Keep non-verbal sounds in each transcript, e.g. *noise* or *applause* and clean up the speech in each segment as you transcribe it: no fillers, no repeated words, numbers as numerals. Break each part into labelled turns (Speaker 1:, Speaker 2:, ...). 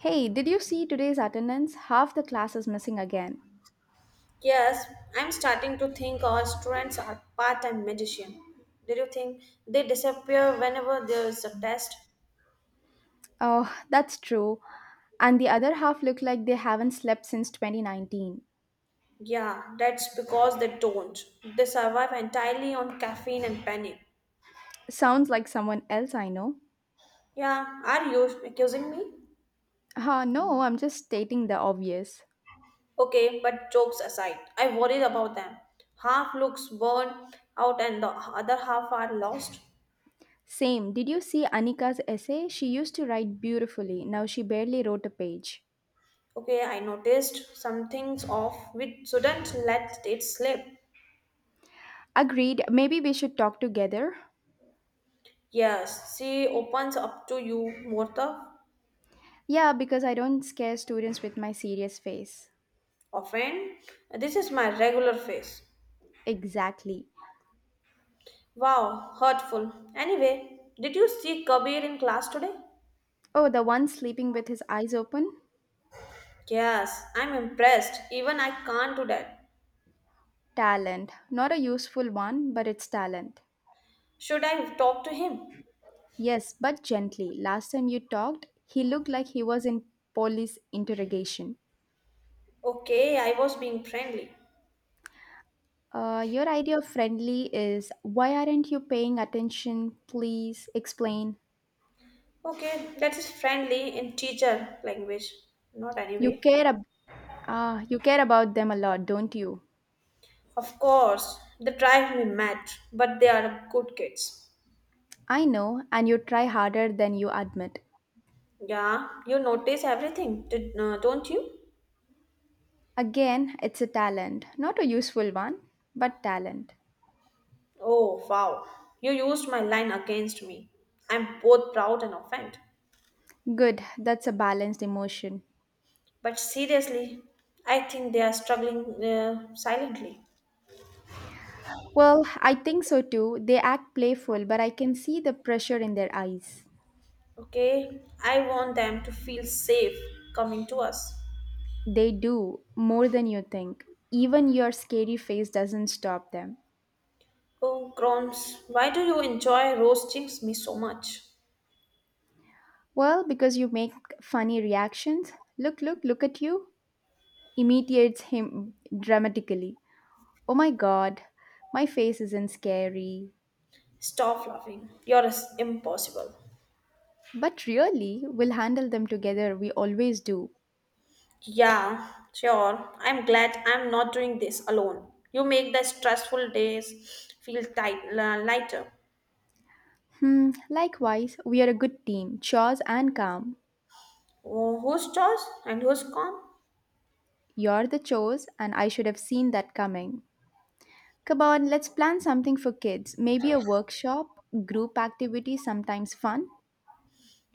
Speaker 1: Hey, did you see today's attendance? Half the class is missing again.
Speaker 2: Yes, I'm starting to think our students are part-time magician. Do you think they disappear whenever there's a test?
Speaker 1: Oh, that's true. And the other half look like they haven't slept since 2019.
Speaker 2: Yeah, that's because they don't. They survive entirely on caffeine and panic.
Speaker 1: Sounds like someone else I know.
Speaker 2: Yeah, are you accusing me?
Speaker 1: No, I'm just stating the obvious.
Speaker 2: Okay, but jokes aside, I worried about them. Half looks burned out and the other half are lost.
Speaker 1: Same. Did you see Anika's essay? She used to write beautifully. Now she barely wrote a page.
Speaker 2: Okay, I noticed some things off which shouldn't let it slip.
Speaker 1: Agreed. Maybe we should talk together.
Speaker 2: Yes, she opens up to you more the
Speaker 1: Yeah, because I don't scare students with my serious face.
Speaker 2: often. This is my regular face.
Speaker 1: Exactly.
Speaker 2: Wow, hurtful. Anyway, did you see Kabir in class today?
Speaker 1: Oh, the one sleeping with his eyes open?
Speaker 2: Yes, I'm impressed. Even I can't do that.
Speaker 1: Talent. Not a useful one, but it's talent.
Speaker 2: Should I talk to him?
Speaker 1: Yes, but gently. Last time you talked, he looked like he was in police interrogation.
Speaker 2: Okay, I was being friendly.
Speaker 1: Your idea of friendly is why aren't you paying attention? Please explain.
Speaker 2: Okay, that is friendly in teacher language, not
Speaker 1: You
Speaker 2: anyway.
Speaker 1: care ab- ah, you care about them a lot, don't you?
Speaker 2: Of course, they drive me mad, but they are good kids.
Speaker 1: I know, and you try harder than you admit.
Speaker 2: Yeah, you notice everything, don't you?
Speaker 1: Again, it's a talent, not a useful one, but talent.
Speaker 2: Oh, wow. You used my line against me. I'm both proud and offended.
Speaker 1: Good, that's a balanced emotion.
Speaker 2: But seriously, I think they are struggling silently.
Speaker 1: Well, I think so too. They act playful, but I can see the pressure in their eyes.
Speaker 2: Okay? I want them to feel safe coming to us.
Speaker 1: They do, more than you think. Even your scary face doesn't stop them.
Speaker 2: Oh, Grons, why do you enjoy roasting me so much?
Speaker 1: Well, because you make funny reactions. Look at you. Imitates him dramatically. Oh my god, my face isn't scary.
Speaker 2: Stop laughing. You're impossible.
Speaker 1: But really, we'll handle them together. We always do.
Speaker 2: Yeah, sure. I'm glad I'm not doing this alone. You make the stressful days feel lighter.
Speaker 1: Hmm, likewise, we are a good team, chores and calm.
Speaker 2: Oh, who's Josh and who's Con?
Speaker 1: You're the chores, and I should have seen that coming. Come on, let's plan something for kids. Maybe a workshop, group activity, sometimes fun.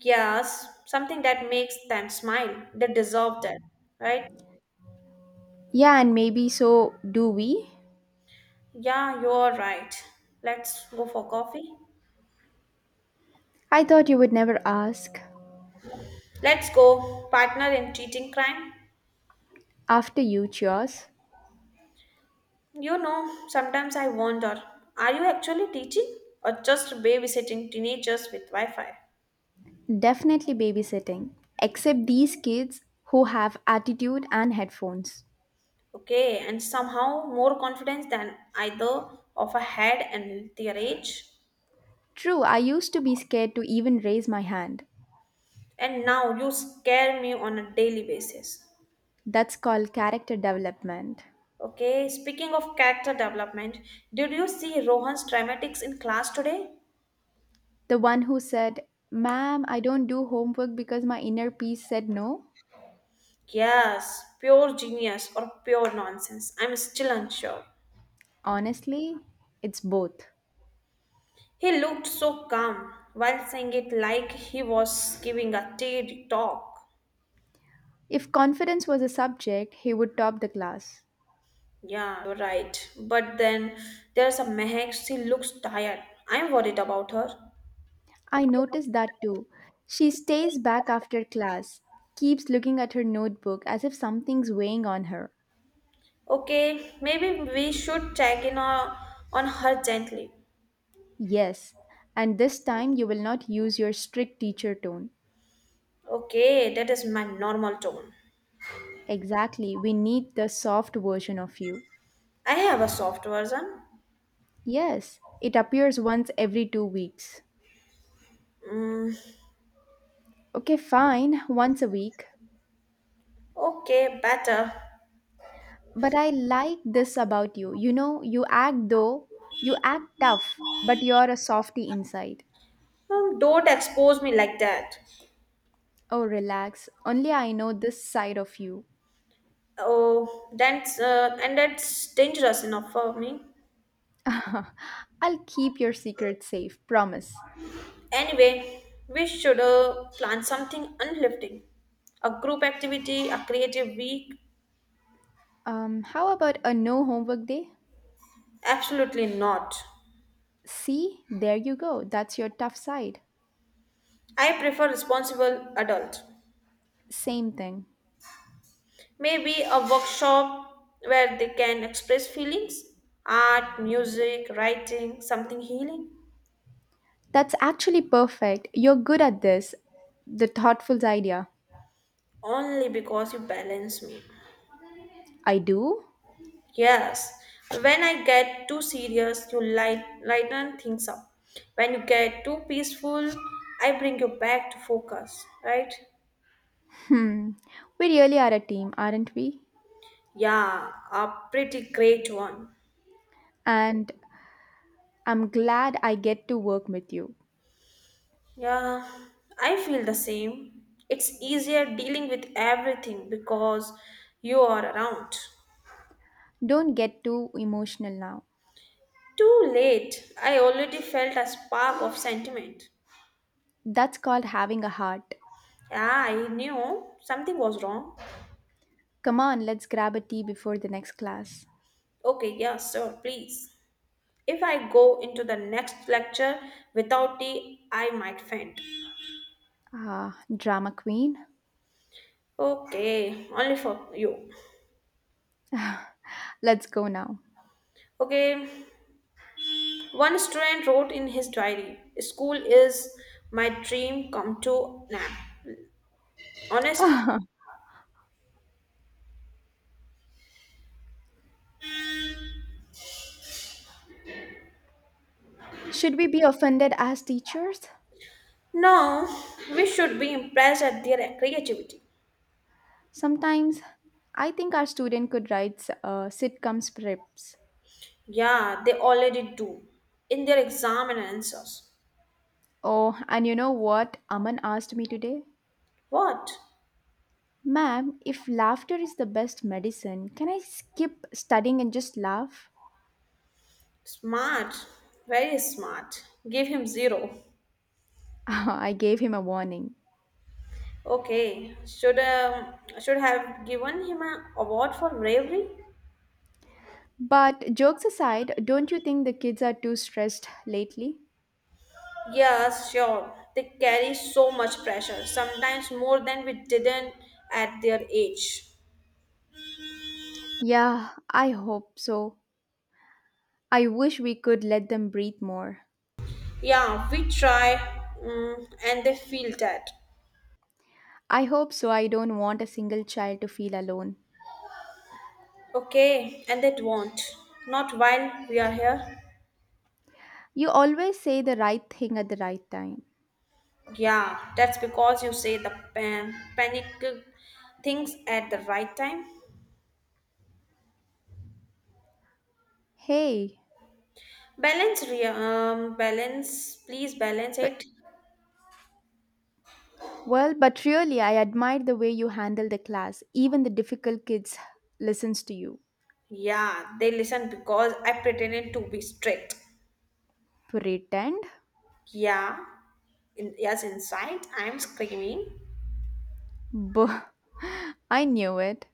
Speaker 2: Yes, something that makes them smile. They deserve that, right?
Speaker 1: Yeah, and maybe so do we.
Speaker 2: Yeah, you're right. Let's go for coffee.
Speaker 1: I thought you would never ask.
Speaker 2: Let's go, partner in teaching crime.
Speaker 1: After you, cheers.
Speaker 2: You know, sometimes I wonder are you actually teaching or just babysitting teenagers with Wi Fi?
Speaker 1: Definitely babysitting. Except these kids who have attitude and headphones.
Speaker 2: Okay, and somehow more confidence than either of I had at their age.
Speaker 1: True, I used to be scared to even raise my hand.
Speaker 2: And now you scare me on a daily basis.
Speaker 1: That's called character development.
Speaker 2: Okay, speaking of character development, did you see Rohan's dramatics in class today?
Speaker 1: The one who said, Ma'am, I don't do homework because my inner peace said no.
Speaker 2: Yes, pure genius or pure nonsense. I'm still unsure.
Speaker 1: Honestly, it's both.
Speaker 2: He looked so calm while saying it like he was giving a TED talk.
Speaker 1: If confidence was a subject, he would top the class.
Speaker 2: Yeah, you're right. But then there's a Mehak, she looks tired. I'm worried about her.
Speaker 1: I noticed that too. She stays back after class, keeps looking at her notebook as if something's weighing on her.
Speaker 2: Okay, maybe we should check in on her gently.
Speaker 1: Yes, and this time you will not use your strict teacher tone.
Speaker 2: Okay, that is my normal tone.
Speaker 1: Exactly, we need the soft version of you.
Speaker 2: I have a soft version.
Speaker 1: Yes, it appears once every 2 weeks.
Speaker 2: Mm,
Speaker 1: Okay, fine, once a week.
Speaker 2: okay, better.
Speaker 1: But I like this about you. You know, you act tough, but you're a softy inside.
Speaker 2: Don't expose me like that.
Speaker 1: Oh, relax. Only I know this side of you.
Speaker 2: Oh, that's dangerous enough for me.
Speaker 1: *laughs* I'll keep your secret safe, promise.
Speaker 2: Anyway, we should plan something uplifting. A group activity, a creative week?
Speaker 1: How about a no homework day?
Speaker 2: Absolutely not.
Speaker 1: See, there you go. That's your tough side.
Speaker 2: I prefer responsible adult.
Speaker 1: Same thing.
Speaker 2: Maybe a workshop where they can express feelings, art, music, writing, something healing.
Speaker 1: That's actually perfect. You're good at this. The thoughtful idea.
Speaker 2: Only because you balance me.
Speaker 1: I do?
Speaker 2: Yes, when I get too serious, you lighten things up. When you get too peaceful, I bring you back to focus, right?
Speaker 1: Hmm. We really are a team, aren't we?
Speaker 2: Yeah, a pretty great one.
Speaker 1: And I'm glad I get to work with you.
Speaker 2: Yeah, I feel the same. It's easier dealing with everything because you are around.
Speaker 1: Don't get too emotional now.
Speaker 2: Too late, I already felt a spark of sentiment.
Speaker 1: That's called having a heart.
Speaker 2: Yeah, I knew something was wrong.
Speaker 1: Come on, let's grab a tea before the next class.
Speaker 2: Okay, yeah, sir, please. If I go into the next lecture without tea, I might faint.
Speaker 1: Ah, drama queen.
Speaker 2: Okay, only for you.
Speaker 1: Let's go now.
Speaker 2: Okay, one student wrote in his diary, school is my dream come to now. Honestly,
Speaker 1: Ah, should we be offended as teachers?
Speaker 2: no, we should be impressed at their creativity.
Speaker 1: Sometimes I think our student could write sitcom scripts.
Speaker 2: Yeah, they already do in their exam and answers.
Speaker 1: Oh, and you know what Aman asked me today?
Speaker 2: What?
Speaker 1: Ma'am, if laughter is the best medicine, can I skip studying and just laugh?
Speaker 2: Smart, very smart. Give him zero.
Speaker 1: *laughs* I gave him a warning.
Speaker 2: Okay, should have given him an award for bravery.
Speaker 1: But jokes aside, don't you think the kids are too stressed lately?
Speaker 2: Yes, sure. They carry so much pressure, sometimes more than we didn't at their age.
Speaker 1: Yeah, I hope so. I wish we could let them breathe more.
Speaker 2: Yeah, we try, and they feel that.
Speaker 1: I hope so. I don't want a single child to feel alone.
Speaker 2: Okay, and they won't. Not while we are here.
Speaker 1: You always say the right thing at the right time.
Speaker 2: Yeah, that's because you say the panic things at the right time.
Speaker 1: Hey,
Speaker 2: Balance, please balance
Speaker 1: but
Speaker 2: it.
Speaker 1: but really, I admire the way you handle the class. Even the difficult kids listens to you.
Speaker 2: Yeah, they listened because I pretended to be strict.
Speaker 1: Pretend?
Speaker 2: Yeah, yes, inside I'm screaming.
Speaker 1: Buh. *laughs* I knew it.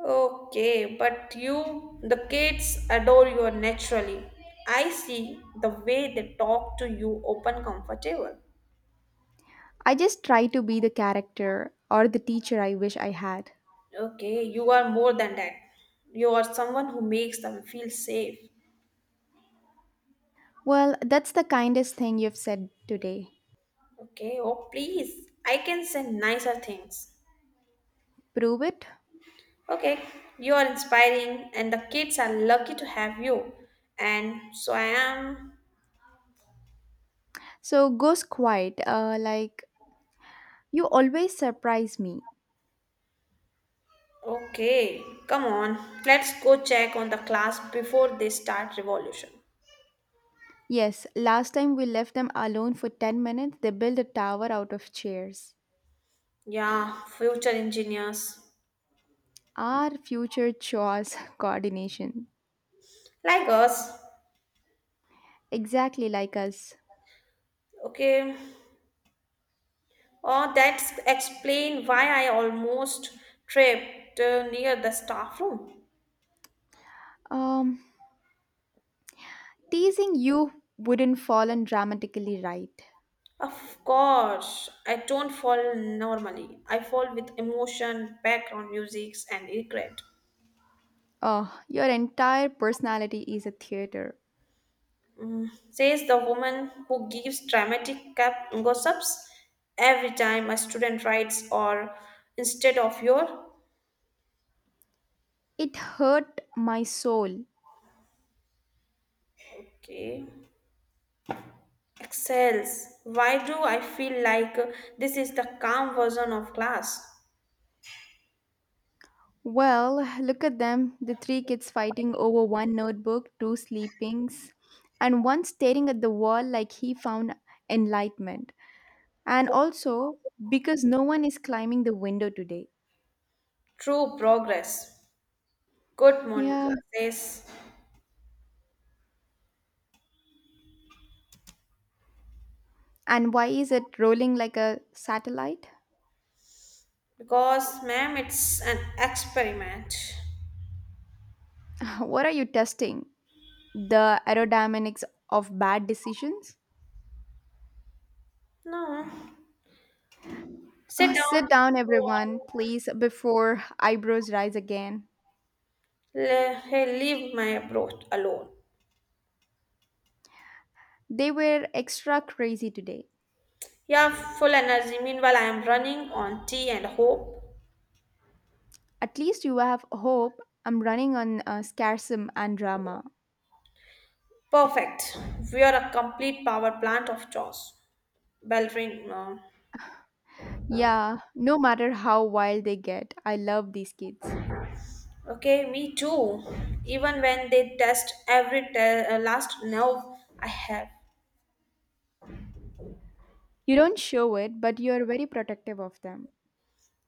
Speaker 2: Okay, but you, the kids adore you naturally. I see the way they talk to you, open, comfortable.
Speaker 1: I just try to be the character or the teacher I wish I had.
Speaker 2: Okay, you are more than that. You are someone who makes them feel safe.
Speaker 1: Well, that's the kindest thing you've said today.
Speaker 2: Okay, oh please, I can say nicer things.
Speaker 1: Prove it.
Speaker 2: Okay, you are inspiring, and the kids are lucky to have you. And so I am.
Speaker 1: So goes quiet. You always surprise me.
Speaker 2: Okay, come on. Let's go check on the class before they start revolution.
Speaker 1: Yes, last time we left them alone for 10 minutes, they built a tower out of chairs.
Speaker 2: Yeah, future engineers
Speaker 1: Our future chores *laughs* coordination.
Speaker 2: like us.
Speaker 1: Exactly like us.
Speaker 2: Okay, oh, that's explain why I almost tripped near the staff room.
Speaker 1: Um, teasing you wouldn't fall on dramatically right.
Speaker 2: Of course, I don't fall normally. I fall with emotion, background music, and regret.
Speaker 1: Oh, your entire personality is a theater.
Speaker 2: Mm, says the woman who gives dramatic gossips every time a student writes or instead of your
Speaker 1: It hurt my soul.
Speaker 2: okay excels why do I feel like this is the calm version of class
Speaker 1: Well, look at them the three kids fighting over one notebook, two sleepings, and one staring at the wall like he found enlightenment. And also, because no one is climbing the window today.
Speaker 2: true progress good
Speaker 1: Yeah.
Speaker 2: monica says
Speaker 1: And why is it rolling like a satellite?
Speaker 2: because ma'am it's an experiment
Speaker 1: *laughs* What are you testing? The aerodynamics of bad decisions?
Speaker 2: no
Speaker 1: Oh,
Speaker 2: sit down
Speaker 1: sit down, everyone, please, before eyebrows rise again.
Speaker 2: Hey, leave my approach alone.
Speaker 1: They were extra crazy today.
Speaker 2: Yeah, full energy. Meanwhile, I am running on tea and hope.
Speaker 1: At least you have hope. I'm running on scarcism and drama.
Speaker 2: Perfect. We are a complete power plant of chores. Bell uh,
Speaker 1: Yeah, no matter how wild they get, I love these kids.
Speaker 2: okay, me too. Even when they test every last nerve I have.
Speaker 1: You don't show it, but you are very protective of them.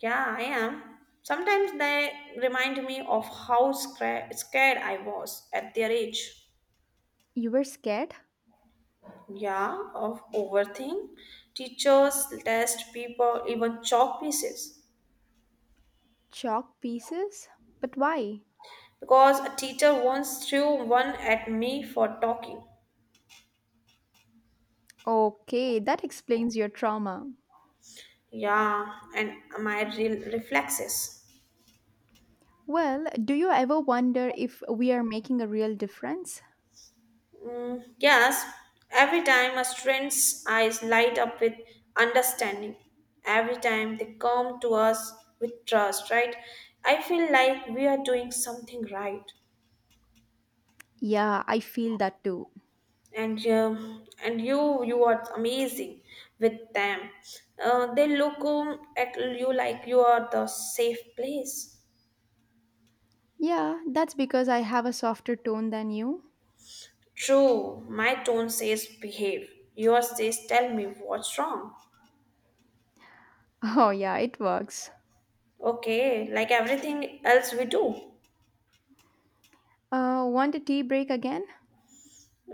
Speaker 2: Yeah, I am. Sometimes they remind me of how scared I was at their age.
Speaker 1: You were scared?
Speaker 2: Yeah, of overthink. Teachers, test, people, even chalk pieces.
Speaker 1: Chalk pieces? But why?
Speaker 2: Because a teacher once threw one at me for talking.
Speaker 1: Okay, that explains your trauma.
Speaker 2: Yeah, and my reflexes.
Speaker 1: Well, do you ever wonder if we are making a real difference?
Speaker 2: Mm, yes, every time a student's eyes light up with understanding, every time they come to us with trust, right? I feel like we are doing something right,
Speaker 1: Yeah, I feel that too.
Speaker 2: and you are amazing with them. They look at you like you are the safe place.
Speaker 1: Yeah, that's because I have a softer tone than you. *laughs*
Speaker 2: True, my tone says behave. Yours says tell me what's wrong.
Speaker 1: Oh, yeah, it works.
Speaker 2: Okay, like everything else we do.
Speaker 1: Want a tea break again?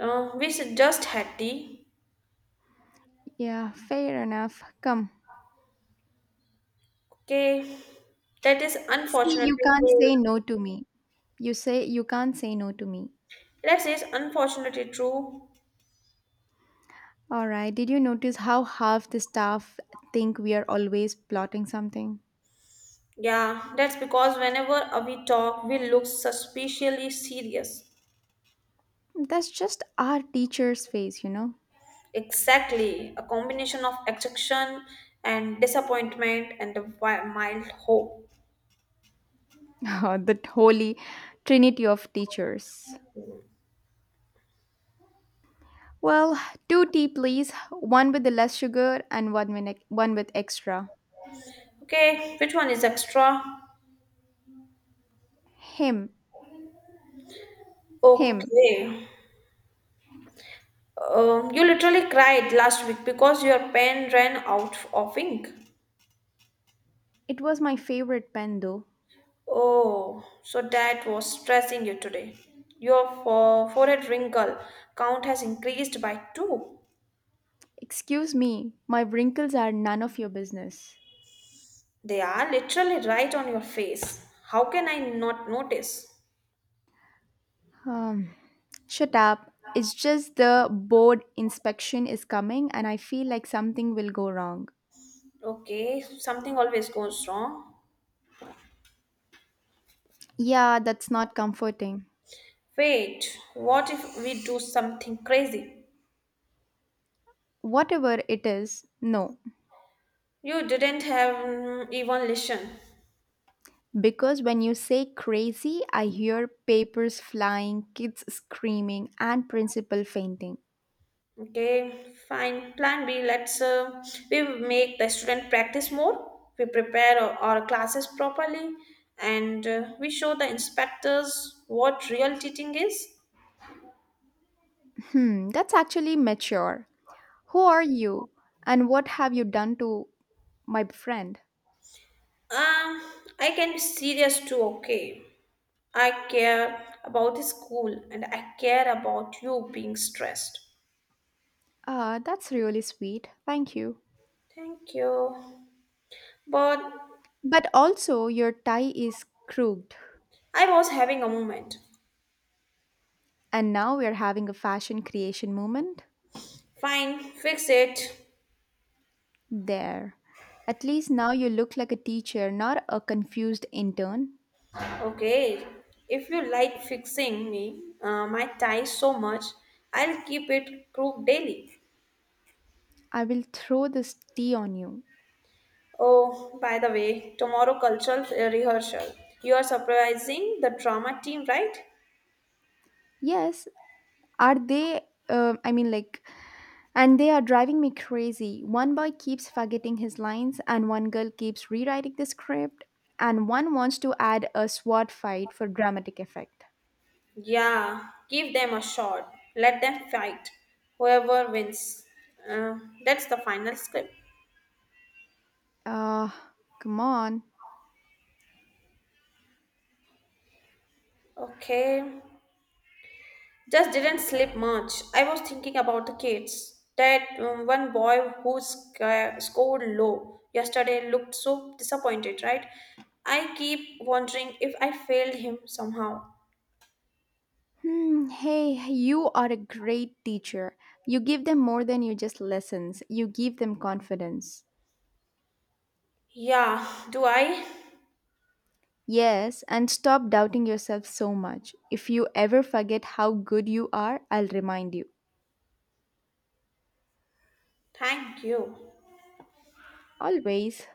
Speaker 2: We should just had tea.
Speaker 1: Yeah, fair enough. Come.
Speaker 2: Okay, that is
Speaker 1: See,
Speaker 2: unfortunately
Speaker 1: you can't
Speaker 2: true.
Speaker 1: say no to me. You say you can't say no to me.
Speaker 2: That is unfortunately true.
Speaker 1: All right. Did you notice how half the staff think we are always plotting something?
Speaker 2: Yeah, that's because whenever we talk, we look suspiciously serious.
Speaker 1: That's just our teacher's face, you know?
Speaker 2: Exactly, a combination of attraction and disappointment and a mild hope.
Speaker 1: *laughs* The holy trinity of teachers. Well, two tea, please. One with the less sugar and one with, ex- One with extra.
Speaker 2: Okay, which one is extra?
Speaker 1: Him. Him.
Speaker 2: Okay. You literally cried last week because your pen ran out of ink.
Speaker 1: It was my favorite pen, though.
Speaker 2: Oh, so that was stressing you today. Your forehead wrinkle count has increased by two.
Speaker 1: Excuse me, my wrinkles are none of your business.
Speaker 2: They are literally right on your face. How can I not notice?
Speaker 1: Um, Shut up. It's just the board inspection is coming and I feel like something will go wrong.
Speaker 2: Okay, something always goes wrong.
Speaker 1: Yeah, that's not comforting.
Speaker 2: Wait, what if we do something crazy?
Speaker 1: Whatever it is, no.
Speaker 2: You didn't have even listen.
Speaker 1: Because when you say crazy, I hear papers flying, kids screaming, and principal fainting.
Speaker 2: Okay, fine. Plan B, let's we make the student practice more. We prepare our classes properly, and we show the inspectors what real teaching is.
Speaker 1: Hmm, that's actually mature. Who are you? And what have you done to my friend?
Speaker 2: Um, I can be serious too. Okay, I care about the school, and I care about you being stressed.
Speaker 1: Ah, that's really sweet. Thank you.
Speaker 2: Thank you. But
Speaker 1: But also, your tie is crooked.
Speaker 2: I was having a moment.
Speaker 1: And now we are having a fashion creation moment?
Speaker 2: Fine, fix it.
Speaker 1: There. At least now you look like a teacher, not a confused intern.
Speaker 2: Okay, if you like fixing me my tie so much, I'll keep it crooked daily.
Speaker 1: I will throw this tea on you.
Speaker 2: Oh, by the way, tomorrow cultural rehearsal. You are surprising the drama team, right?
Speaker 1: Yes, are they? Uh, I mean, like, and they are driving me crazy. One boy keeps forgetting his lines, and one girl keeps rewriting the script, and one wants to add a sword fight for dramatic effect.
Speaker 2: Yeah, give them a shot. Let them fight. Whoever wins. Uh, that's the final script.
Speaker 1: Uh, Come on.
Speaker 2: Okay, just didn't sleep much. I was thinking about the kids. That One boy who scored low yesterday looked so disappointed, right? I keep wondering if I failed him somehow.
Speaker 1: Hmm, you are a great teacher. You give them more than you just lessons, you give them confidence.
Speaker 2: Yeah, do I?
Speaker 1: Yes, and stop doubting yourself so much. If you ever forget how good you are, I'll remind you.
Speaker 2: Thank you.
Speaker 1: Always.